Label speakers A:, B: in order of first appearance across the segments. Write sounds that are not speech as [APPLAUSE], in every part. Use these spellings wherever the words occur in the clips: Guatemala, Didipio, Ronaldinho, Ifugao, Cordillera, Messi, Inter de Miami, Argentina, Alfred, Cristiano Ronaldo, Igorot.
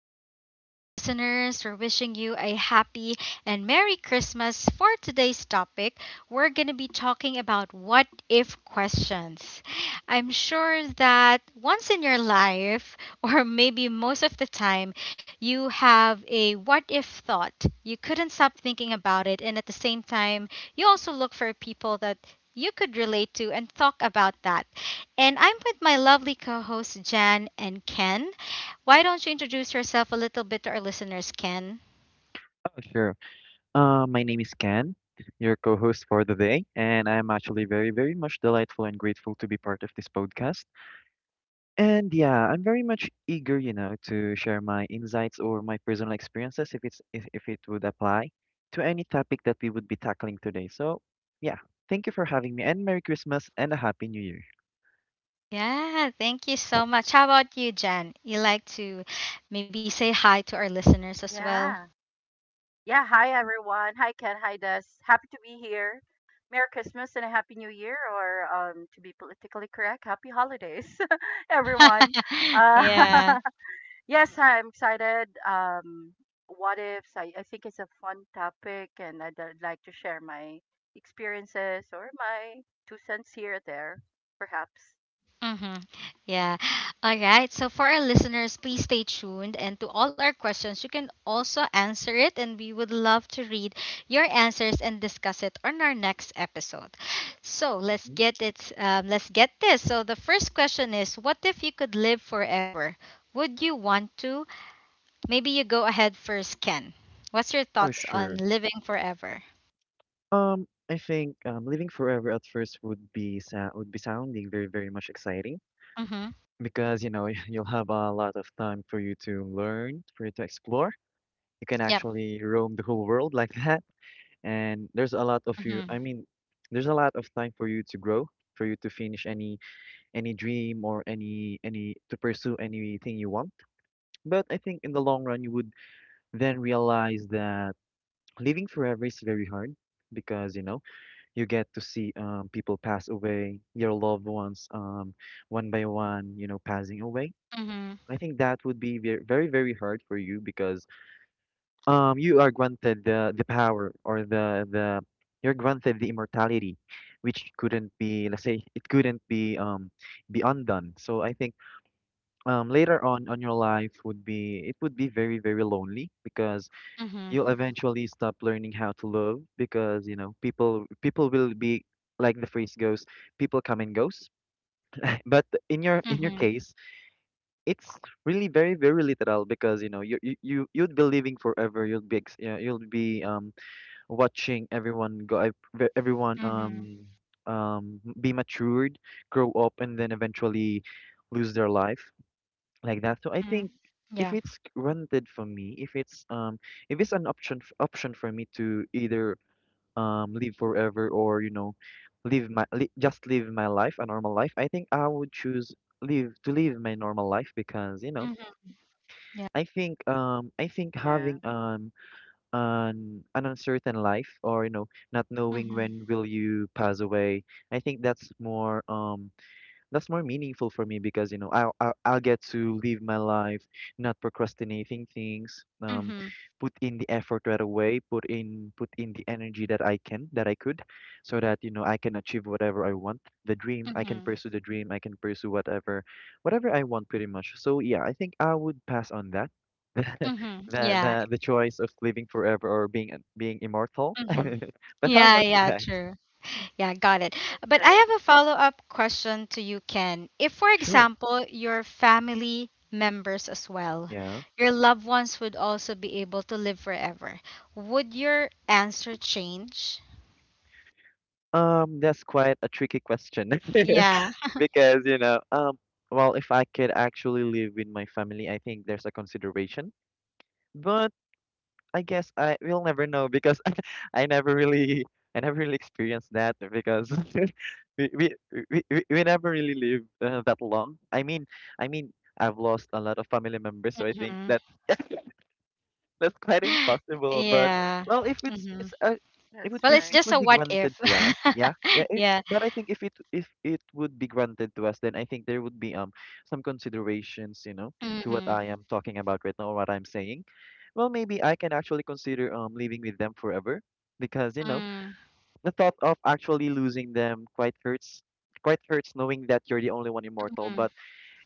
A: afternoon to our listeners. We're wishing you a happy and Merry Christmas. For today's topic, we're going to be talking about what if questions. I'm sure that once in your life, [LAUGHS] or maybe most of the time, you have a what if thought. You couldn't stop thinking about it, and at the same time, you also look for people that you could relate to and talk about that. And I'm with my lovely co hosts, Jan and Ken. Why don't you introduce yourself a little bit to our listeners, Ken?
B: Oh, sure. My name is Ken, your co-host for the day, and I'm actually very, very much delightful and grateful to be part of this podcast. And yeah, I'm very much eager, to share my insights or my personal experiences if it would apply to any topic that we would be tackling today. So yeah, thank you for having me, and Merry Christmas and a Happy New Year.
A: Yeah, thank you so much. How about you, Jan? You like to maybe say hi to our listeners as well?
C: Yeah. Yeah. Hi, everyone. Hi, Ken. Hi, Des. Happy to be here. Merry Christmas and a Happy New Year, or to be politically correct, Happy Holidays, [LAUGHS] everyone.
A: [LAUGHS]
C: Uh,
B: Mm, yeah.
A: Yeah.
C: [LAUGHS] yes, I'm excited. What ifs? I think it's a fun topic, and I'd like to share my experiences or my two cents here or there, perhaps.
A: Mm-hmm. Yeah. All right. So for our listeners, please stay tuned. And to all our questions, you can also answer it. And we would love to read your answers and discuss it on our next episode. So let's
B: hmm
A: get it. Let's get this. So the first question is, what if you could live forever? Would you want to? Maybe you go ahead first, Ken. What's your
B: Oh,
A: thoughts on
B: sure.
A: living forever?
B: I think living forever at first would be sounding very, very much exciting
A: Mm-hmm.
B: because [LAUGHS] you'll have a lot of time for you to learn, for you to explore. You can
A: Yep.
B: actually roam the whole world [LAUGHS] like that, and there's a lot of you. I
A: Mm-hmm.
B: mean, there's a lot of time for you to grow, for you to finish any dream or any to pursue anything you want. But I think in the long run, you would then realize that living forever is very hard because you get to see people pass away, your loved ones, one by one, you know, passing away.
A: Mm-hmm.
B: I think that would be very, very hard for you because you are granted the power, or the you're granted the immortality, which couldn't be, let's say, it couldn't be undone. So I think later on your life would be it would be very, very lonely because
A: Mm-hmm.
B: you'll eventually stop learning how to love because you know people will be, like the phrase goes, people come and goes. But in your
A: Mm-hmm.
B: case, it's really very, very literal because you know you'd be living forever. You'll yeah, you'll be watching everyone go, everyone
A: Mm-hmm.
B: be matured, grow up, and then eventually lose their life like that. So I
A: Mm-hmm.
B: think if
A: Yeah.
B: it's granted for me, if it's, if it's an option option for me to either live forever, or you know, just live my life a normal life, I think I would choose live my normal life. Because you know,
A: Yeah.
B: I think
C: Yeah,
B: having an uncertain life, or you know, not knowing
A: Mhm.
B: when will you pass away, I think that's more meaningful for me because you know I'll get to live my life, not procrastinating things, um
A: Mhm.
B: put in the effort right away, put in the energy that I could, so that you know I can achieve whatever I want. The dream I can
A: Mhm.
B: pursue, the dream I can pursue whatever I want, pretty much. So yeah, I think I would pass on that,
A: Mhm.
B: the
A: Yeah.
B: the the choice of living forever or being immortal.
A: Mhm.
B: [LAUGHS] But how
A: Yeah,
B: about you
A: yeah,
B: guys?
A: true. Yeah, got it.
C: that's
A: But I
C: right.
A: have a follow-up question to you, Ken. If, for
B: Sure.
A: example, your family members as well,
B: Yeah.
A: your loved ones would also be able to live forever, would your answer change?
B: That's quite a tricky question. [LAUGHS]
A: Yeah.
B: Because you know, well, if I could actually live with my family, I think there's a consideration. But I guess I will never know because [LAUGHS] I never really I never really experienced that because [LAUGHS] we we we never really live that long. I mean, I mean, I've lost a lot of family members, so I think
A: Hmm.
B: that that's quite
A: [GASPS]
B: impossible. But
A: Yeah.
B: well, if
A: Hmm.
B: it's a, if it,
C: That's
A: Well,
B: if
A: it's
C: right.
B: it
A: just
B: would
A: a
B: be
A: what
B: granted
A: if.
B: to us, yeah, yeah.
A: [LAUGHS]
B: It,
A: Yeah.
B: but I think if it, if it would be granted to us, then I think there would be some considerations, you know, to what
A: Mm-hmm.
B: I am talking about right now or what I'm saying. Well, maybe I can actually consider living with them forever. Because you know,
A: Mm-hmm.
B: the thought of actually losing them quite hurts. Quite hurts knowing that you're the only one immortal. But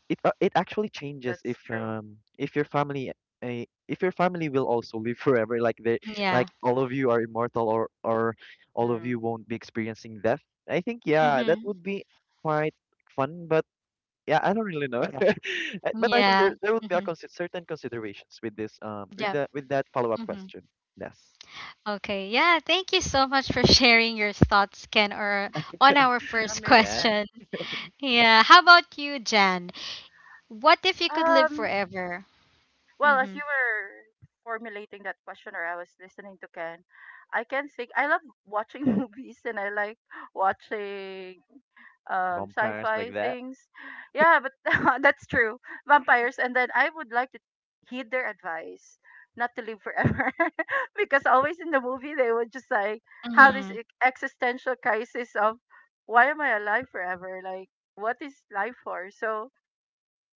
B: it, it actually changes if,
C: That's true.
B: if your family, uh, if your family will also live [LAUGHS] forever, like they, like
A: Yeah.
B: all of you are immortal, or all of you
C: Mm,
B: won't be experiencing death. I think, yeah, that would be quite fun. But yeah, I don't really know. [LAUGHS] But I think
A: Yeah.
B: there would be a
A: Mm-hmm.
B: certain considerations with this
A: Yep.
B: with that, with that
A: Mm-hmm.
B: follow-up question. Yes.
A: Okay. Yeah. Thank you so much for [LAUGHS] sharing your thoughts, Ken, or on our
C: that
A: first [LAUGHS]
C: makes
B: Yeah.
C: sense.
A: question. Yeah. How about you, Jan? What if you could live
C: Um,
A: forever?
C: Well, as
A: Mm-hmm.
C: you were formulating that question, or I was listening to Ken, I can think I love watching [LAUGHS] movies and I like watching
B: Vampires,
C: sci-fi
B: like that.
C: things. Yeah, but [LAUGHS] that's true. Vampires, and then I would like to heed their advice not to live forever [LAUGHS] because always in the movie they would just like have this
A: Mm-hmm.
C: existential crisis of why am I alive forever? Like, what is life for? So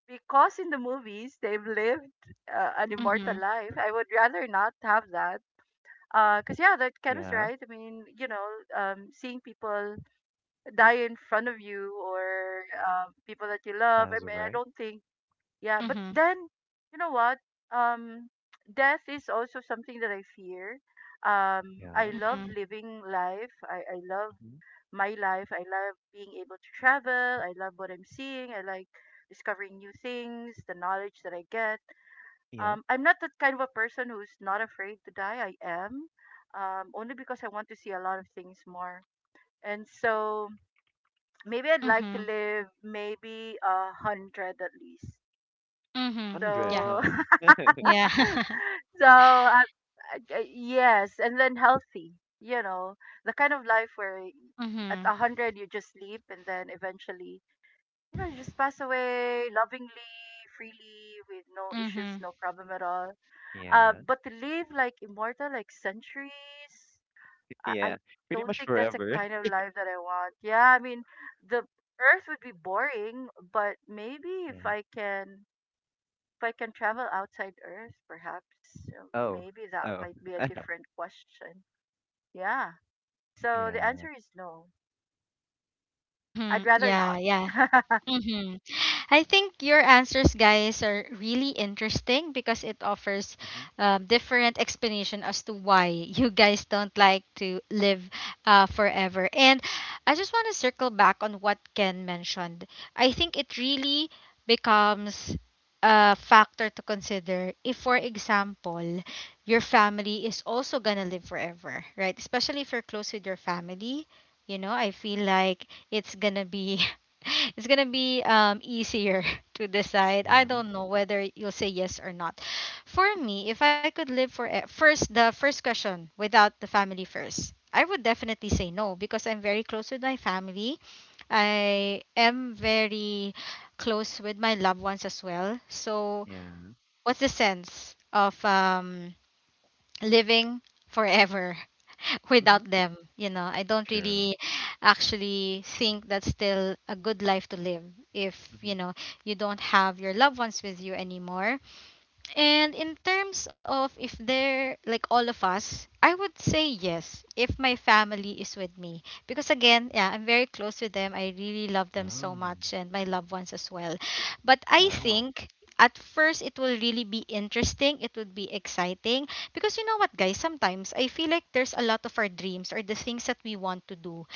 C: because in the movies they've lived an immortal
A: Mm-hmm.
C: life. I would rather not have that because yeah, that Ken was
B: Yeah.
C: right. I mean, you know, seeing people die in front of you or people that you love, I
B: Pass
C: mean, I
B: away.
C: don't think. Yeah, but
A: Mm-hmm.
C: then, you know what, um, death is also something that I fear. I
B: Yeah.
C: love
A: Mm-hmm.
C: living life. I love
B: Mhm.
C: my life. I love being able to travel. I love what I'm seeing. I like discovering new things, the knowledge that I get.
B: Yeah.
C: I'm not that kind of a person who's not afraid to die. I am, only because I want to see a lot of things more. And so maybe I'd like to
A: Mm-hmm.
C: live maybe 100 at least.
A: Mm-hmm.
B: 100,
A: Yeah.
C: So,
B: huh.
C: [LAUGHS]
A: Yeah. [LAUGHS]
C: so I, I, yes, and then healthy. You know, the kind of life where at a
A: Mm-hmm.
C: hundred you just sleep, and then eventually, you know, you just pass away lovingly, freely, with no issues,
A: Mm-hmm.
C: no problem at all.
B: Yeah.
C: But to live like immortal, like centuries,
B: [LAUGHS]
C: I
B: Yeah. Pretty
C: don't
B: much
C: think that's a
B: forever.
C: kind of life that I want. Yeah, I mean, the Earth would be boring, but maybe if
B: Yeah.
C: I can. If I can travel outside Earth, perhaps
B: Oh.
C: maybe that
B: Oh.
C: might be a
B: [LAUGHS]
C: different question. Yeah. So the answer
B: Yeah.
C: is no.
A: Mm-hmm.
C: I'd rather
A: Yeah. Yeah.
C: not. [LAUGHS]
A: Mm-hmm. I think your answers, guys, are really interesting because it offers
B: Hmm.
A: different explanation as to why you guys don't like to live forever. And I just want to circle back on what Ken mentioned. I think it really becomes a factor to consider if, for example, your family is also gonna live forever, right? Especially if you're close with your family. You know, I feel like it's gonna be [LAUGHS] it's gonna be easier [LAUGHS] to decide. I
B: Yeah.
A: don't know whether you'll say yes or not. For me, if I could live first the first question without the family first, I would definitely say no because I'm very close with my family. I am very close with my loved ones as well. So
B: Yeah.
A: what's the sense of living forever? [LAUGHS]
B: Hmm.
A: Without them. You know, I don't
B: True.
A: really actually think that's still a good life to live if,
B: Hmm.
A: you know, you don't have your loved ones with you anymore and in terms of if they're like all of us, I would say yes if my family is with me. Because again, yeah, I'm very close to them. I really love them so
B: Oh.
A: much and my loved ones as well. But I
B: Wow.
A: think at first it will really be interesting. It would be exciting. Because you know what, guys, sometimes I feel like there's a lot of our dreams or the things that we want to do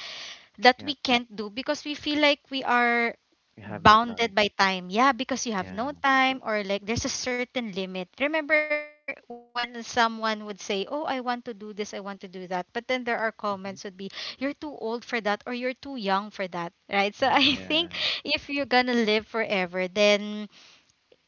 A: that
B: Yeah.
A: we can't do because we feel like we are
B: We have no time.
A: bounded by time. Yeah, because you have
B: Yeah.
A: no time or like there's a certain limit. Remember when someone would say, "Oh, I want to do this, I want to do that." But then there are
B: Hmm.
A: comments would be, "You're too old for that" or "You're too young for that." Right? So [LAUGHS]
B: Hmm.
A: I
B: Yeah.
A: think if you're going to live forever, then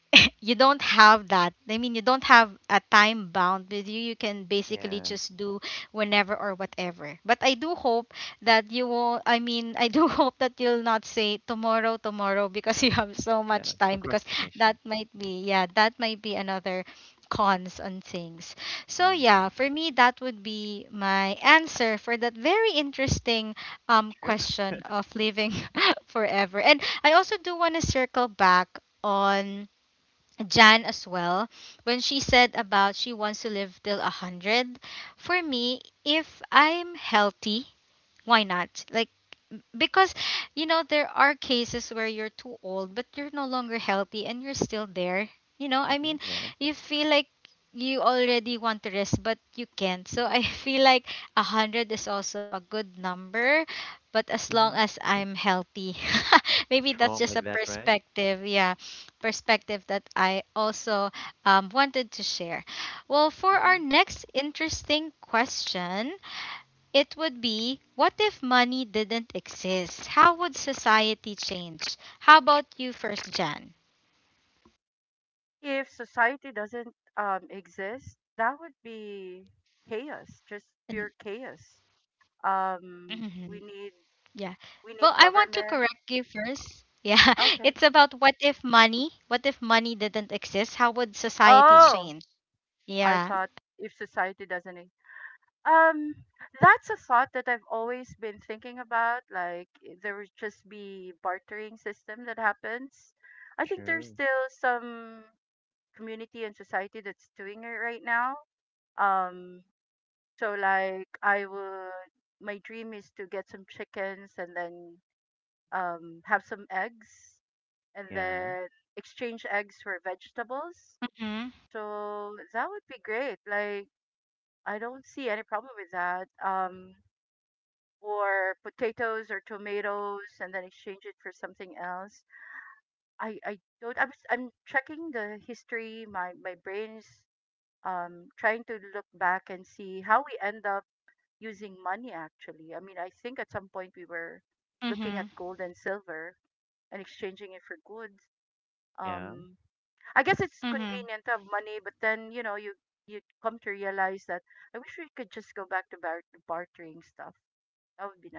A: [LAUGHS] you don't have that. I mean, you don't have a time bound with you. You can basically
B: Yeah.
A: just do whenever or whatever. But I do hope that you will, I mean, I do [LAUGHS] hope that you'll not say tomorrow, tomorrow because [LAUGHS] you have so
B: Yeah.
A: much time because that
B: Procrastination.
A: might be, yeah, that might be another cons on things. So
B: Hmm.
A: yeah, for me that would be my answer for that very interesting
B: True.
A: question of living [LAUGHS] forever. And I also do want to circle back on Jan as well when she said about she wants to live till a hundred. For me, if I'm healthy why not? Like, because you know there are cases where you're too old but you're no longer healthy and you're still there you know I
B: Hmm.
A: mean
B: Yeah.
A: you feel like you already want to rest but you can't so I [LAUGHS] feel like 100 is also a good number but as long
B: Hmm.
A: as I'm healthy. [LAUGHS] Maybe that's
B: Strong
A: just
B: like
A: a
B: that, right?
A: perspective, yeah, perspective that I also wanted to share. Well, for our
B: Hmm.
A: next interesting question, it would be what if money didn't exist? How would society change? How about you first, Jan? And- mhm, yeah. Well, I want to correct you first. Yeah, [LAUGHS] it's about what if money didn't exist? How would society
B: Yeah.
A: change? Yeah.
B: True. Yeah.
A: Mhm. Mhm.
B: Yeah.
A: Mhm.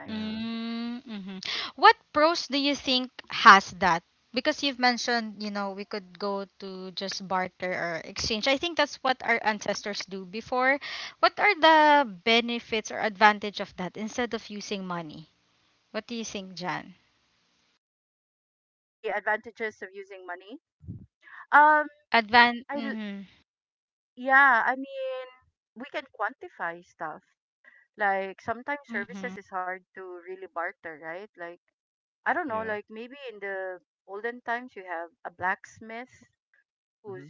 B: Yeah.
A: Mhm. What pros do you think has that? Because you've mentioned, you know, we could go to just barter or exchange. I think that's what our ancestors do before. What are the benefits or advantage of that instead of using money? What do you think, Jan? Advan mm-hmm. Mm-hmm.
B: Yeah. Hmm.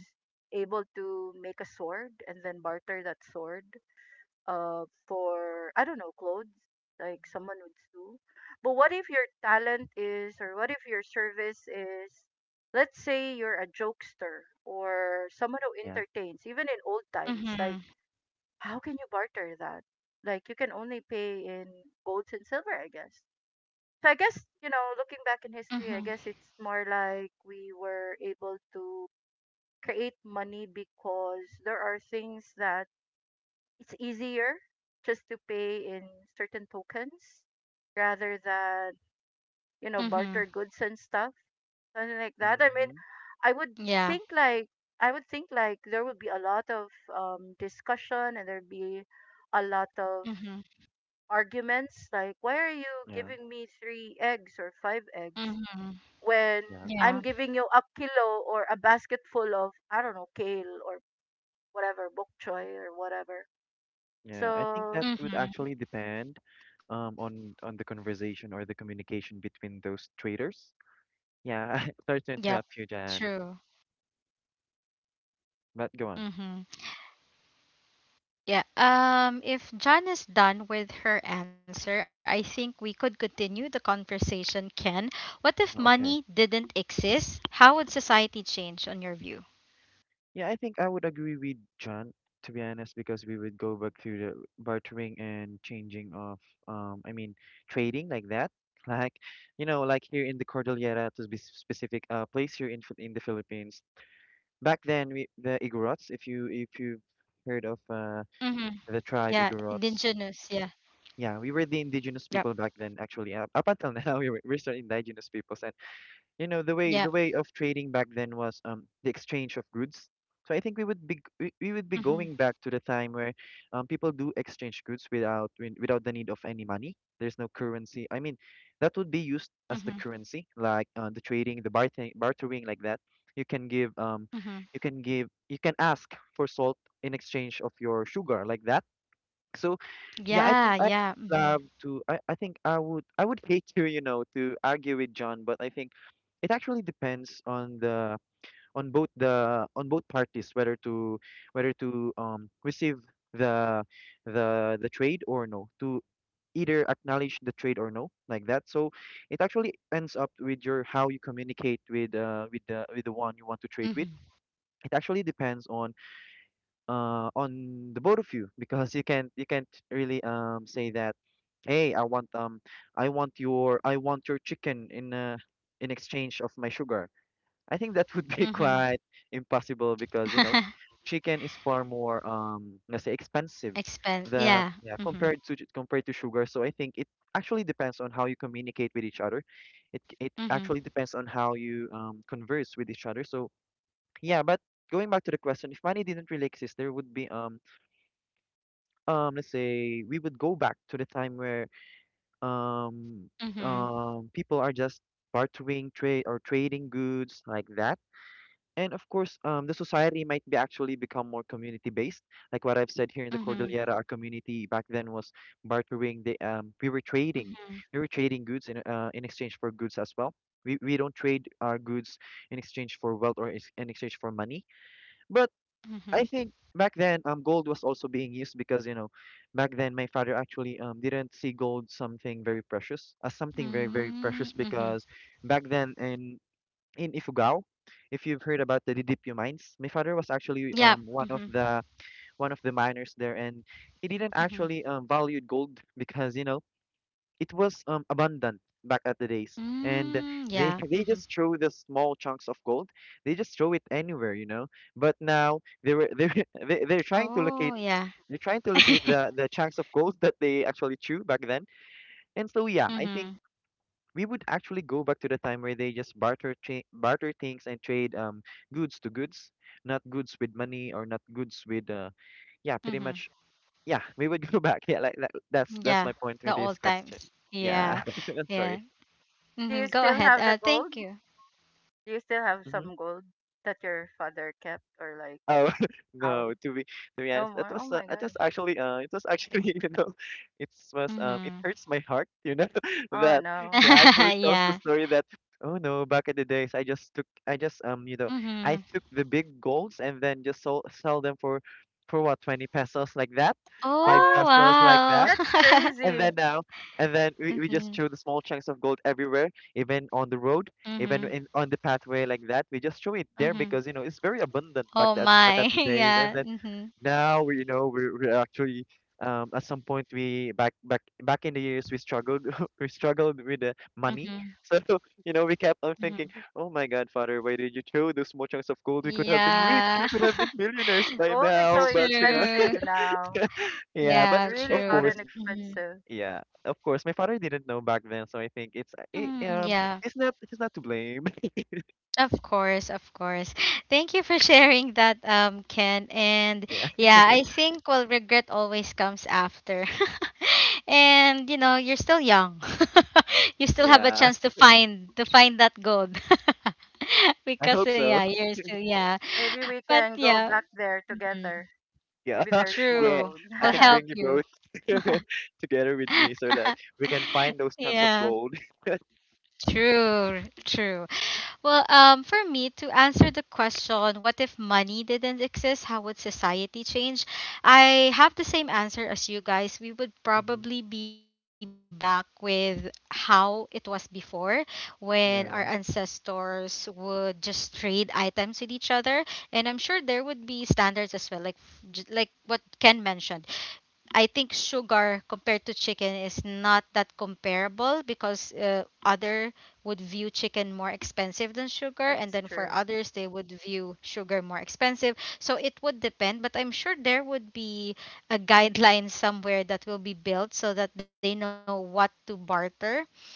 B: Yeah.
A: Mm-hmm. Mm-hmm. Mm-hmm.
B: Hmm.
A: Yeah. Mm-hmm.
B: Yeah.
A: Mm-hmm.
B: Yeah.
A: Yeah.
B: Yeah, I think that would
A: Mm-hmm.
B: actually depend, on the conversation or the communication between those traders. Yeah, [LAUGHS] sorry
A: Yep.
B: to interrupt you, Jan,
A: True.
B: but go on.
A: Mm-hmm. Yeah. If Jan is done with her answer, I think we could continue the conversation, Ken. What if
B: Oh, okay.
A: money didn't exist? How would society change on your view?
B: Yeah, I think I would agree with John, to be honest, because we would go back through the bartering and changing of, I mean, trading like that. [LAUGHS] Like, you know, like here in the Cordillera, to be specific, place here in in the Philippines. Back then, we the Igorots, if you, if you've heard of,
A: Mhm.
B: the tribe
A: Yeah,
B: Igorots.
A: indigenous. Yeah.
B: Yeah, we were the indigenous people
A: Yep.
B: back then, actually. Up until now, [LAUGHS] we were, we're still indigenous peoples, and you know the way, the
A: Yeah.
B: way of trading back then was the exchange of goods. So I think we would we would be going
A: Mhm.
B: back to the time where people do exchange goods without, without the need of any money. There's no currency. I mean, that would be used as the
A: Mhm.
B: currency, like, the trading, the bartering, like that. You can give,
A: Mhm.
B: you can give, you can ask for salt in exchange of your sugar, like that. So yeah, I think
A: Yeah,
B: I
A: yeah.
B: would love
A: Mhm.
B: to. I think I would, I would hate to, you know, to argue with John, but I think it actually depends on the, on both parties, whether to, whether to receive the, the trade, or no, to either acknowledge the trade or no, like that. So it actually ends up with your, how you communicate with, with the, with the one you want to trade with.
A: Mhm.
B: It actually depends on, on the both of you, because you can't, you can't really say that, hey, I want, I want your, I want your chicken in, in exchange of my sugar. I think that would be [LAUGHS]
A: Mhm.
B: quite impossible because you know
A: [LAUGHS]
B: chicken is far more, let's say, expensive,
A: Expense.
B: the
A: Yeah.
B: yeah,
A: Mhm.
B: compared to sugar. So I think it actually depends on how you communicate with each other. It
A: Mhm.
B: actually depends on how you converse with each other. So yeah, but going back to the question, if money didn't really exist, there would be let's say, we would go back to the time where um
A: Mhm.
B: people are just bartering trade or trading goods like that. And of course, the society might be actually become more community-based. Like what I've said, here in the
A: Mhm.
B: Cordillera, our community back then was bartering. The We were trading,
A: Mhm.
B: we were trading goods in, in exchange for goods as well. We don't trade our goods in exchange for wealth, or in exchange for money, but I
A: Mhm.
B: think back then gold was also being used, because you know back then my father actually didn't see gold something very precious, as something very, very precious,
A: Mm,
B: because
A: Mhm.
B: back then in Ifugao, if you've heard about the Didipio mines, my father was actually
A: Yeah.
B: one of
A: Mhm.
B: the, one of the miners there, and he didn't
A: Mhm.
B: actually valued gold, because you know it was, abundant back at the days, and
A: Mm,
B: they [LAUGHS]
A: yeah.
B: they just
A: Mm-hmm.
B: throw the small chunks of gold, they just throw it anywhere, you know. But now they were, [LAUGHS] they are trying to locate,
A: Oh, yeah.
B: they're trying to locate the
A: [LAUGHS]
B: the chunks of gold [LAUGHS] that they actually threw back then. And so yeah, I think
A: Mm-hmm.
B: we would actually go back to the time where they just barter things and trade goods to goods, not goods with money, or not goods with, uh, yeah, pretty
A: Mm-hmm.
B: much. Yeah, we would [LAUGHS] go back, yeah, like that's
A: Yeah.
B: my point
A: The
B: with this
A: old
B: question.
A: times. Yeah.
B: Yeah. [LAUGHS] I'm
A: Yeah.
B: sorry.
A: Mm-hmm. Go ahead. Thank you.
B: Mhm. Oh [LAUGHS] no, to be honest, that was it was actually, [LAUGHS] it was it
A: Mm-hmm.
B: hurts my heart, [LAUGHS] that
A: [LAUGHS]
B: he
A: Yeah.
B: actually tells the
A: Yeah.
B: story that oh no back in the days I just I
A: Mm-hmm.
B: took the big golds and then just sold sell them for what, 20 pesos like that, 5
A: Oh,
B: pesos like
A: wow.
B: that.
A: [LAUGHS]
B: And then we just
A: Mm-hmm.
B: throw the small chunks of gold everywhere, even on the road, even
A: Mm-hmm.
B: in on the pathway like that. We just throw it there
A: Mm-hmm.
B: because you know it's very abundant
A: Oh,
B: back
A: my.
B: at
A: [LAUGHS]
B: the days. And
A: Yeah.
B: then
A: Mm-hmm.
B: now we're actually at some point we back in the years we struggled, [LAUGHS] we struggled with the money.
A: Mm-hmm.
B: So [LAUGHS] you know we kept on
A: Mm-hmm.
B: thinking, oh my God, Father, why did you throw those small chunks of gold? We could have been rich,
A: Yeah.
B: we could have
A: [LAUGHS]
B: been millionaires by now. But you know,
A: True.
B: [LAUGHS] yeah. But
A: Yeah,
B: of course,
A: true. Mm-hmm.
B: yeah, of course. My father didn't know back then, so I think it's
A: Mm, yeah.
B: he's not to blame. [LAUGHS]
A: Of course, of course. Thank you for [LAUGHS] sharing that, Ken. And
B: Yeah,
A: yeah, I think well, regret always comes after. [LAUGHS] And you know, you're still young. [LAUGHS] You still have a
B: yeah.
A: chance to find that gold. [LAUGHS]
B: I
A: Because
B: hope so.
A: yeah, you're
B: [LAUGHS]
A: still yeah. But yeah, mm,
B: Yeah, [LAUGHS]
A: true.
B: yeah.
A: Will
B: I can
A: help
B: bring you
A: you.
B: both [LAUGHS] together with me so that we can
A: [LAUGHS]
B: find those chunks
A: Yeah,
B: of gold. [LAUGHS]
A: true. Well, for me to answer the question, what if money didn't exist? How would society change? I have the same answer as you guys. We would
B: hmm.
A: probably be back with how it was before, when our
B: Yeah,
A: ancestors would just trade items with each other, and I'm sure there would be standards as well, like like what Ken mentioned. I think sugar compared to chicken is not that comparable because other would view chicken more expensive than sugar and then for others they would view sugar more expensive. So it would depend, but I'm sure there would be a guideline somewhere that will be built so that they know what to barter.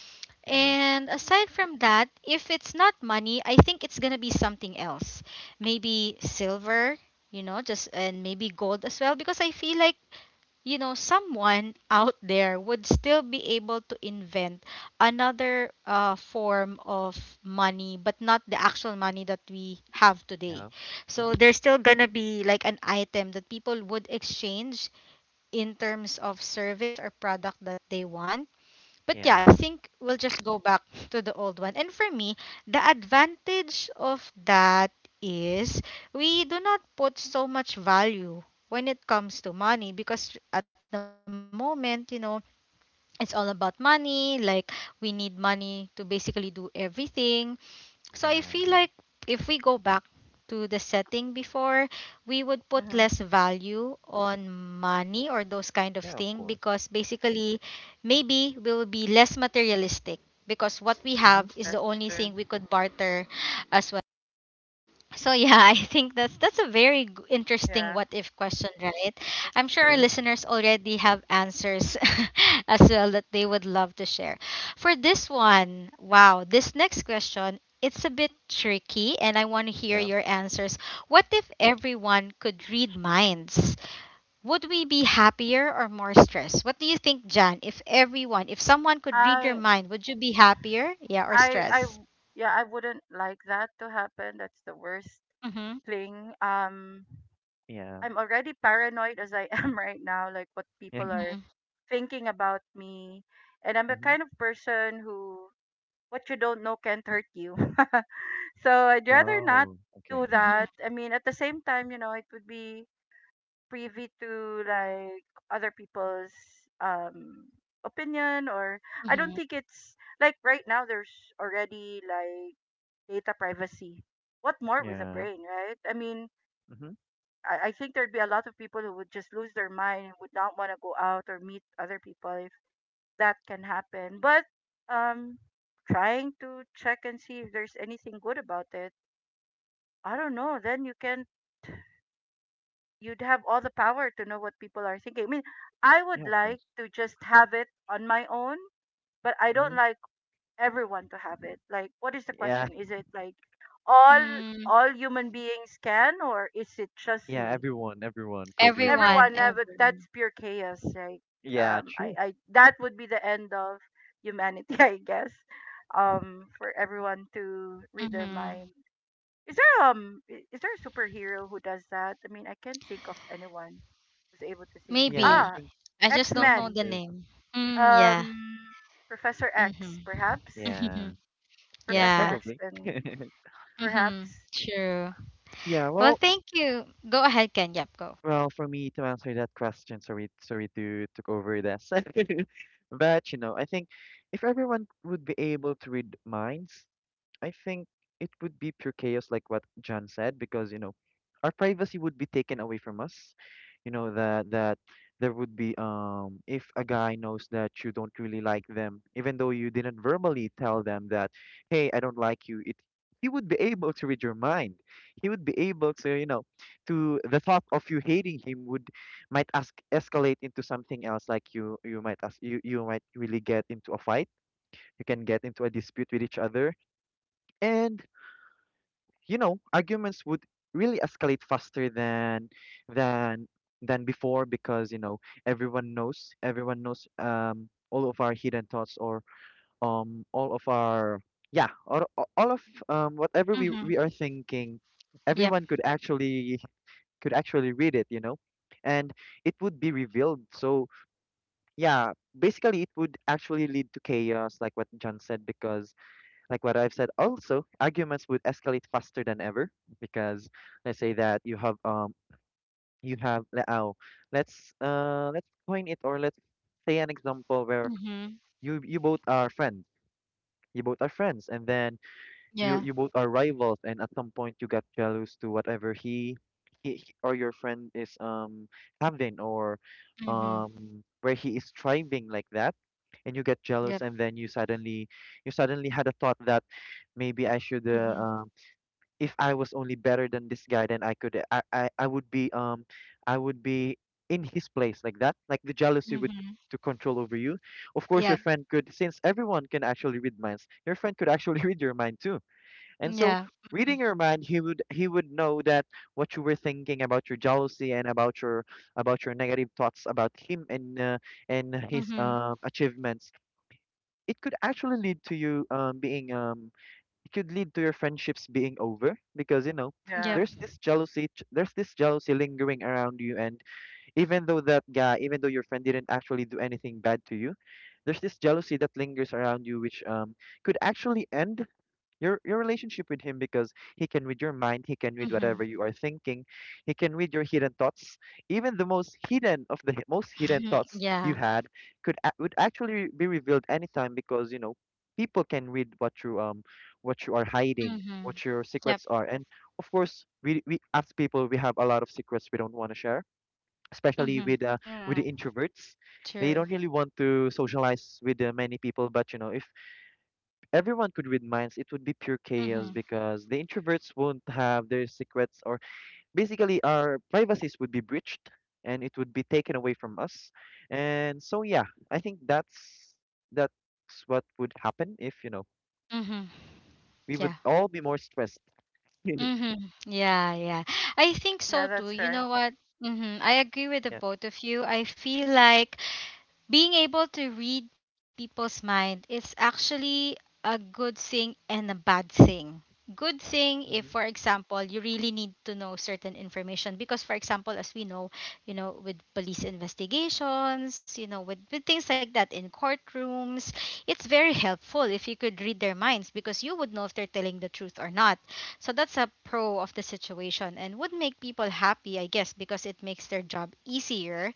A: And
B: yeah,
A: aside from that, if it's not money, I think it's going to be something else. Maybe silver, you know, just and maybe gold as well because I feel like you know someone out there would still be able to invent another form of money but not the actual money that we have today
B: yeah.
A: so
B: Hmm.
A: there's still gonna be like an item that people would exchange in terms of service or product that they want. But yeah, I
B: Yeah,
A: think we'll just go back to the old one. And for me, the advantage of that is we do not put so much value when it comes to money because at the moment, you know, it's all about money. Like, we need money to basically do everything. So I
B: yeah,
A: feel like if we go back to the setting before, we would put less value on money or those kind of
B: yeah. Of
A: thing
B: course.
A: because basically maybe we will be less materialistic because what we
B: Mm-hmm.
A: have is the only thing we could barter as well. So yeah, [LAUGHS] I think that's a very interesting what if question, right? I'm sure our
B: True.
A: listeners already have answers [LAUGHS] as well that they would love to share. For this one, wow, this next question, it's a bit tricky and I want to hear
B: Yeah,
A: your answers. What if everyone could read minds? Would we be happier or more stressed? What do you think, Jan? If everyone, if someone could read your mind, would you be happier? Yeah, or stressed? Mhm.
B: yeah, yeah. [LAUGHS]
A: Mhm.
B: Mm-hmm. Yeah. Oh, okay.
A: Mhm. Mhm.
B: Yeah. Mm-hmm. Yeah, of course. Mm-hmm. Yeah,
A: Mm,
B: yeah. Everyone, everyone could read
A: everyone,
B: minds.
A: everyone.
B: Yeah, true.
A: Mm-hmm.
B: Yeah, I
A: Maybe.
B: think
A: I just
B: yeah, I
A: don't know
B: think
A: the
B: there's
A: name. Mm, yeah. Mm-hmm. [LAUGHS]
B: yeah.
A: Mm-hmm.
B: Yeah,
A: Yeah.
B: probably. [LAUGHS]
A: Mm-hmm. True.
B: Yeah,
A: Well,
B: well,
A: thank you. Go ahead, Ken. Yep, go.
B: well, for me to answer that question, sorry, sorry to took over this. [LAUGHS] But you know, I think if everyone would be able to read minds, I think it would be pure chaos, like what John said, because you know, our privacy would be taken away from us. You know that there would be if a guy knows that you don't really like them, even though you didn't verbally tell them that, hey, I don't like you. It He would be able to read your mind. He would be able to, you know, to the thought of you hating him would might ask escalate into something else. Like you might ask you you might really get into a fight. You can get into a dispute with each other, and you know arguments would really escalate faster than than before because you know everyone knows all of our hidden thoughts or all of our all of whatever we
A: Mm-hmm.
B: we are thinking,
A: Yep.
B: everyone could actually, read it you know, and it would be revealed. So yeah, basically it would actually lead to chaos like what John said, because like what I've said. Also, arguments would escalate faster than ever because let's say that you have let's coin it or let's say an example where
A: Mm-hmm.
B: you both are friends. You both are friends, and then you
A: Yeah.
B: you both are rivals, and at some point you got jealous to whatever he or your friend is having or
A: Mm-hmm.
B: um where he is thriving like that, and you get
A: Yep.
B: jealous and then you suddenly had a thought that maybe I should
A: Mm-hmm.
B: if I was only better than this guy then I would be I would be in his place like that. Like the jealousy would
A: Mm-hmm.
B: to control over you. Of course your
A: Yep.
B: friend could, since everyone can actually read minds, your friend could actually [LAUGHS] read your mind too. And so,
A: Yeah. Mm-hmm.
B: reading your mind, he would know that what you were thinking about your jealousy and about your negative thoughts about him and his
A: Mm-hmm.
B: achievements. It could actually lead to you being it could lead to your friendships being over because you know
A: Yep.
B: there's this there's this jealousy lingering around you and even though that guy, even though your friend didn't actually do anything bad to you, there's this jealousy that lingers around you, which could actually end your relationship with him because he can read your mind, he can read whatever
A: Mm-hmm.
B: you are thinking, he can read your hidden thoughts. Even the most hidden of the most hidden
A: [LAUGHS]
B: thoughts you
A: Yeah.
B: had would actually be revealed anytime because you know people can read what you are hiding,
A: Mm-hmm.
B: what your
A: Yep.
B: secrets are. And of course, we as people we have a lot of secrets we don't want to share, especially
A: Mm-hmm.
B: with the introverts. They
A: True.
B: don't really want to socialize with many people, but you know if everyone could read minds, it would be pure chaos
A: Mm-hmm.
B: because the introverts won't have their secrets, or basically our privacies would be breached and it would be taken away from us. And so yeah, I think that's what would happen if, you know,
A: Mm-hmm.
B: we would
A: Yeah.
B: all be more stressed. [LAUGHS] yeah.
A: Mm-hmm. Yeah, yeah. I think so too. You know what? Mm-hmm. I agree with the both of you. I feel like being able to read people's mind is actually a good thing and a bad thing. Good thing if, for
B: Mm-hmm.
A: example, you really need to know certain information because, for example, as we know, you know, with police investigations, you know, with things like that in courtrooms, it's very helpful if you could read their minds because you would know if they're telling the truth or not. So that's a pro of the situation and would make people happy, I guess, because it makes their job easier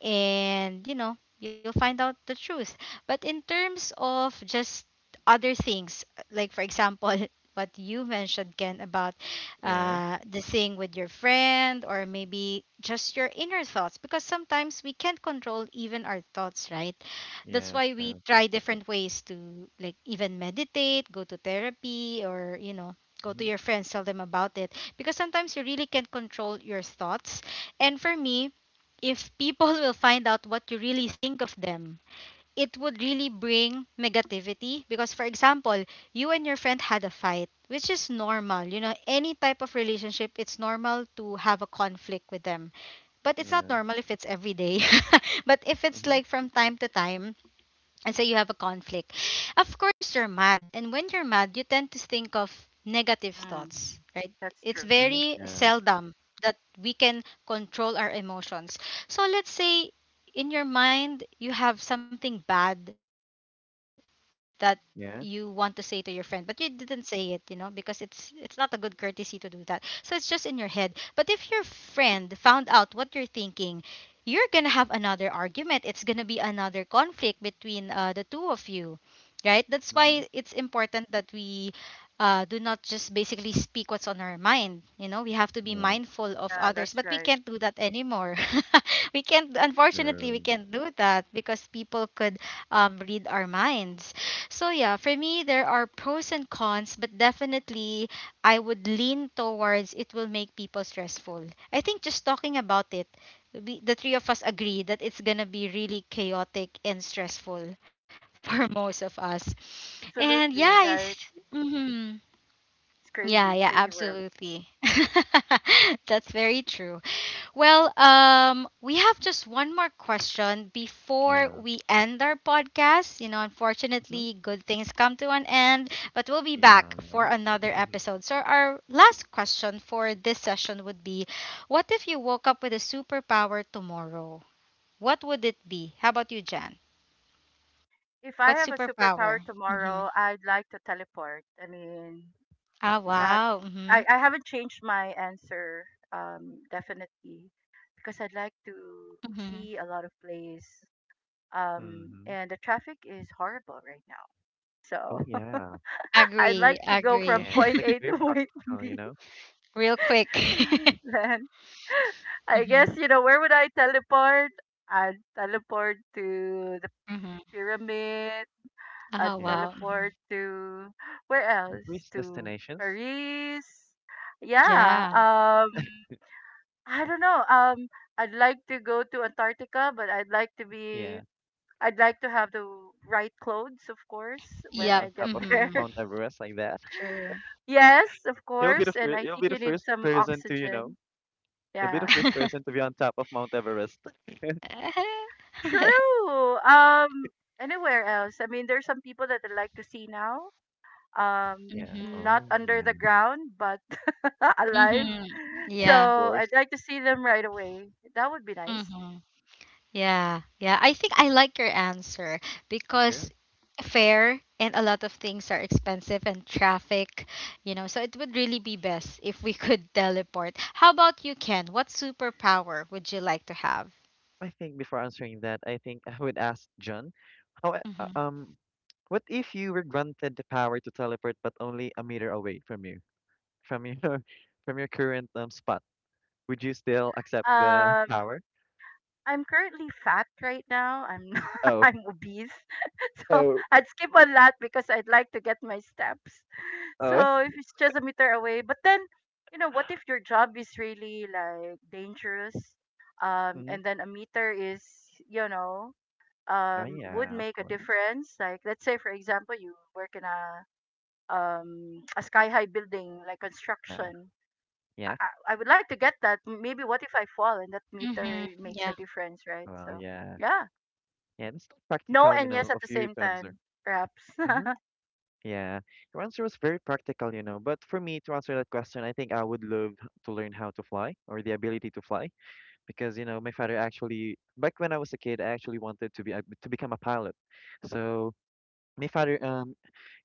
A: and you'll find out the truth. But in terms of just other things, like for example, [LAUGHS] what you mentioned, Ken, about
B: Yeah,
A: the thing with your friend or maybe just your inner thoughts, because sometimes we can't control even our thoughts, right? That's
B: yeah,
A: why we
B: true.
A: try different ways to like even meditate, go to therapy, or, you know, go to
B: Mm-hmm.
A: your friends, tell them about it. Because sometimes you really can't control your thoughts. And for me, if people will find out what you really think of them, it would really bring negativity. Because, for example, you and your friend had a fight, which is normal. You know, any type of relationship, it's normal to have a conflict with them. But it's not
B: Yeah,
A: normal if it's every day. [LAUGHS] But if it's
B: mm-hmm.
A: like from time to time, and so you have a conflict, of course you're mad, and when you're mad you tend to think of negative thoughts, right? It's
B: Mm-hmm.
A: very
B: Yeah,
A: seldom that we can control our emotions. So let's say in your mind you have something bad that you want to say to your friend, but you
B: yeah.
A: didn't say it, because it's not a good courtesy to do that, so it's just in your head. But if your friend found out what you're thinking, you're gonna have another argument. It's gonna be another conflict between the two of you, right? That's why it's
B: Mm-hmm.
A: important that we do not just basically speak what's on our mind. You know, we have to be
B: Yeah,
A: mindful of others, but we can't do that anymore. [LAUGHS] We can't, unfortunately, we
B: true.
A: can't do that because people could read our minds. So, yeah, for me, there are pros and cons, but definitely I would lean towards it will make people stressful. I think just talking about it, we, the three of us agree that it's gonna be really chaotic and stressful [LAUGHS] for most of us. And yeah, it's, mhm. Yeah, yeah, absolutely. [LAUGHS] That's very true. Well, we have just one more question before
B: Yeah,
A: we end our podcast. You know,
B: mm-hmm.
A: unfortunately, good things come to an end, but we'll be back
B: Yeah.
A: for another
B: [LAUGHS]
A: episode. So, our last question for this session would be: what if you woke up with a superpower tomorrow? What would it be? How about you, Jan? What superpower? Mm-hmm. Ah, wow. Mm-hmm. Mm-hmm.
B: Mm-hmm. Oh yeah.
A: Agree, agree.
B: Yeah, that's like
A: [LAUGHS]
B: very practical, you know?
A: Real quick. [LAUGHS] Mm-hmm. Mm-hmm. Oh,
B: Yeah.
A: wow. Mhm.
B: Tourist destinations.
A: Yeah.
B: Yeah. Yeah,
A: Yep.
B: on top of
A: Mm-hmm.
B: Mount Everest like that. [LAUGHS]
A: True.
B: You'll be the first person to, you know, you'll be the first person to
A: [LAUGHS]
B: be on top of Mount Everest. [LAUGHS]
A: [LAUGHS]
B: Yeah.
A: Mm-hmm.
B: Oh, yeah.
A: Mm-hmm.
B: Of
A: Yeah.
B: course.
A: Mm-hmm. Yeah, yeah. I think I like your answer because
B: Sure.
A: fare and a lot of things are expensive and traffic, you know, so it would really be best [LAUGHS] if we could [LAUGHS] teleport. How about you, Ken? What superpower would you like to have?
B: I think before answering that, I think I would ask John, how
A: Mm-hmm.
B: what if you were granted the power to teleport but only a meter away from you, from your [LAUGHS] from your current spot? Would you still accept the power? Oh. Oh. Oh. Hmm. Oh yeah, of course. Uh, yeah.
A: Mm-hmm. Yeah.
B: Well, yeah. Yeah, it's not practical, you know, of you to answer. Mm-hmm. Yeah, your answer was very practical, you know. But for me to answer that question, I think I would love to learn how to fly, or the ability to fly, because you know my father, actually back when I was a kid, I actually wanted to to become a pilot. So my father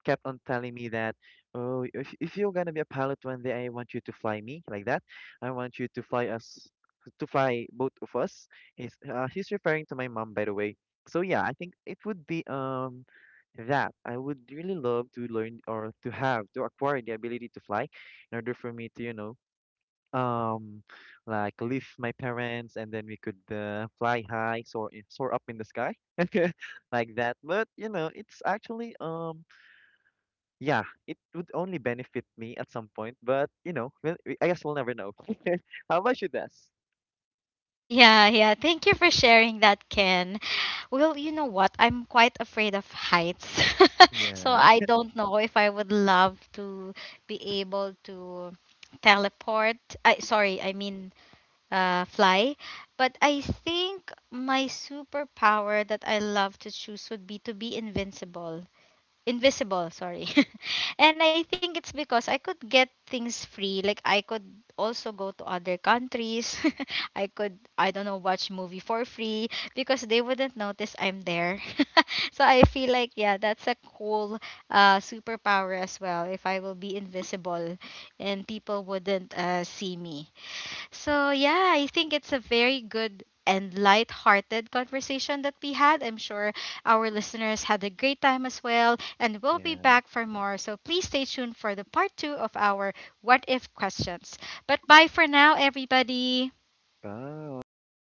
B: kept on telling me that, "Oh, if you're gonna be a pilot one day, I want you to fly me like that. I want you to fly us, to fly both of us." He's referring to my mom, by the way. So yeah, I think it would be that I would really love to learn, or to have, to acquire the ability to fly in order for me to, you know, um like leave my parents and then we could fly high, soar up in the sky, [LAUGHS] like that. But you know it's actually yeah, it would only benefit me at some point, but you know, I guess we'll never know. [LAUGHS] How about you, Des?
A: Yeah, yeah. Thank you for sharing that, Ken. Well, you know what? I'm quite afraid of heights. [LAUGHS] So
B: Yeah,
A: I don't know if I would love to be able to teleport. I sorry, I mean fly. But I think my superpower that I love to choose would be to be invincible. Invisible, sorry. [LAUGHS] And I think it's because I could get things free. Like I could also go to other countries. [LAUGHS] I could, I don't know, watch movie for free because they wouldn't notice I'm there. [LAUGHS] So I feel like yeah, that's a cool superpower as well. If I will be invisible and people wouldn't see me. So, yeah, I think it's a very good and light-hearted conversation that we had. I'm sure our listeners had a great time as well, and we'll be
B: yeah.
A: back for more. So, please stay tuned for the part 2 of our what if questions. But bye for now, everybody.
B: Bye.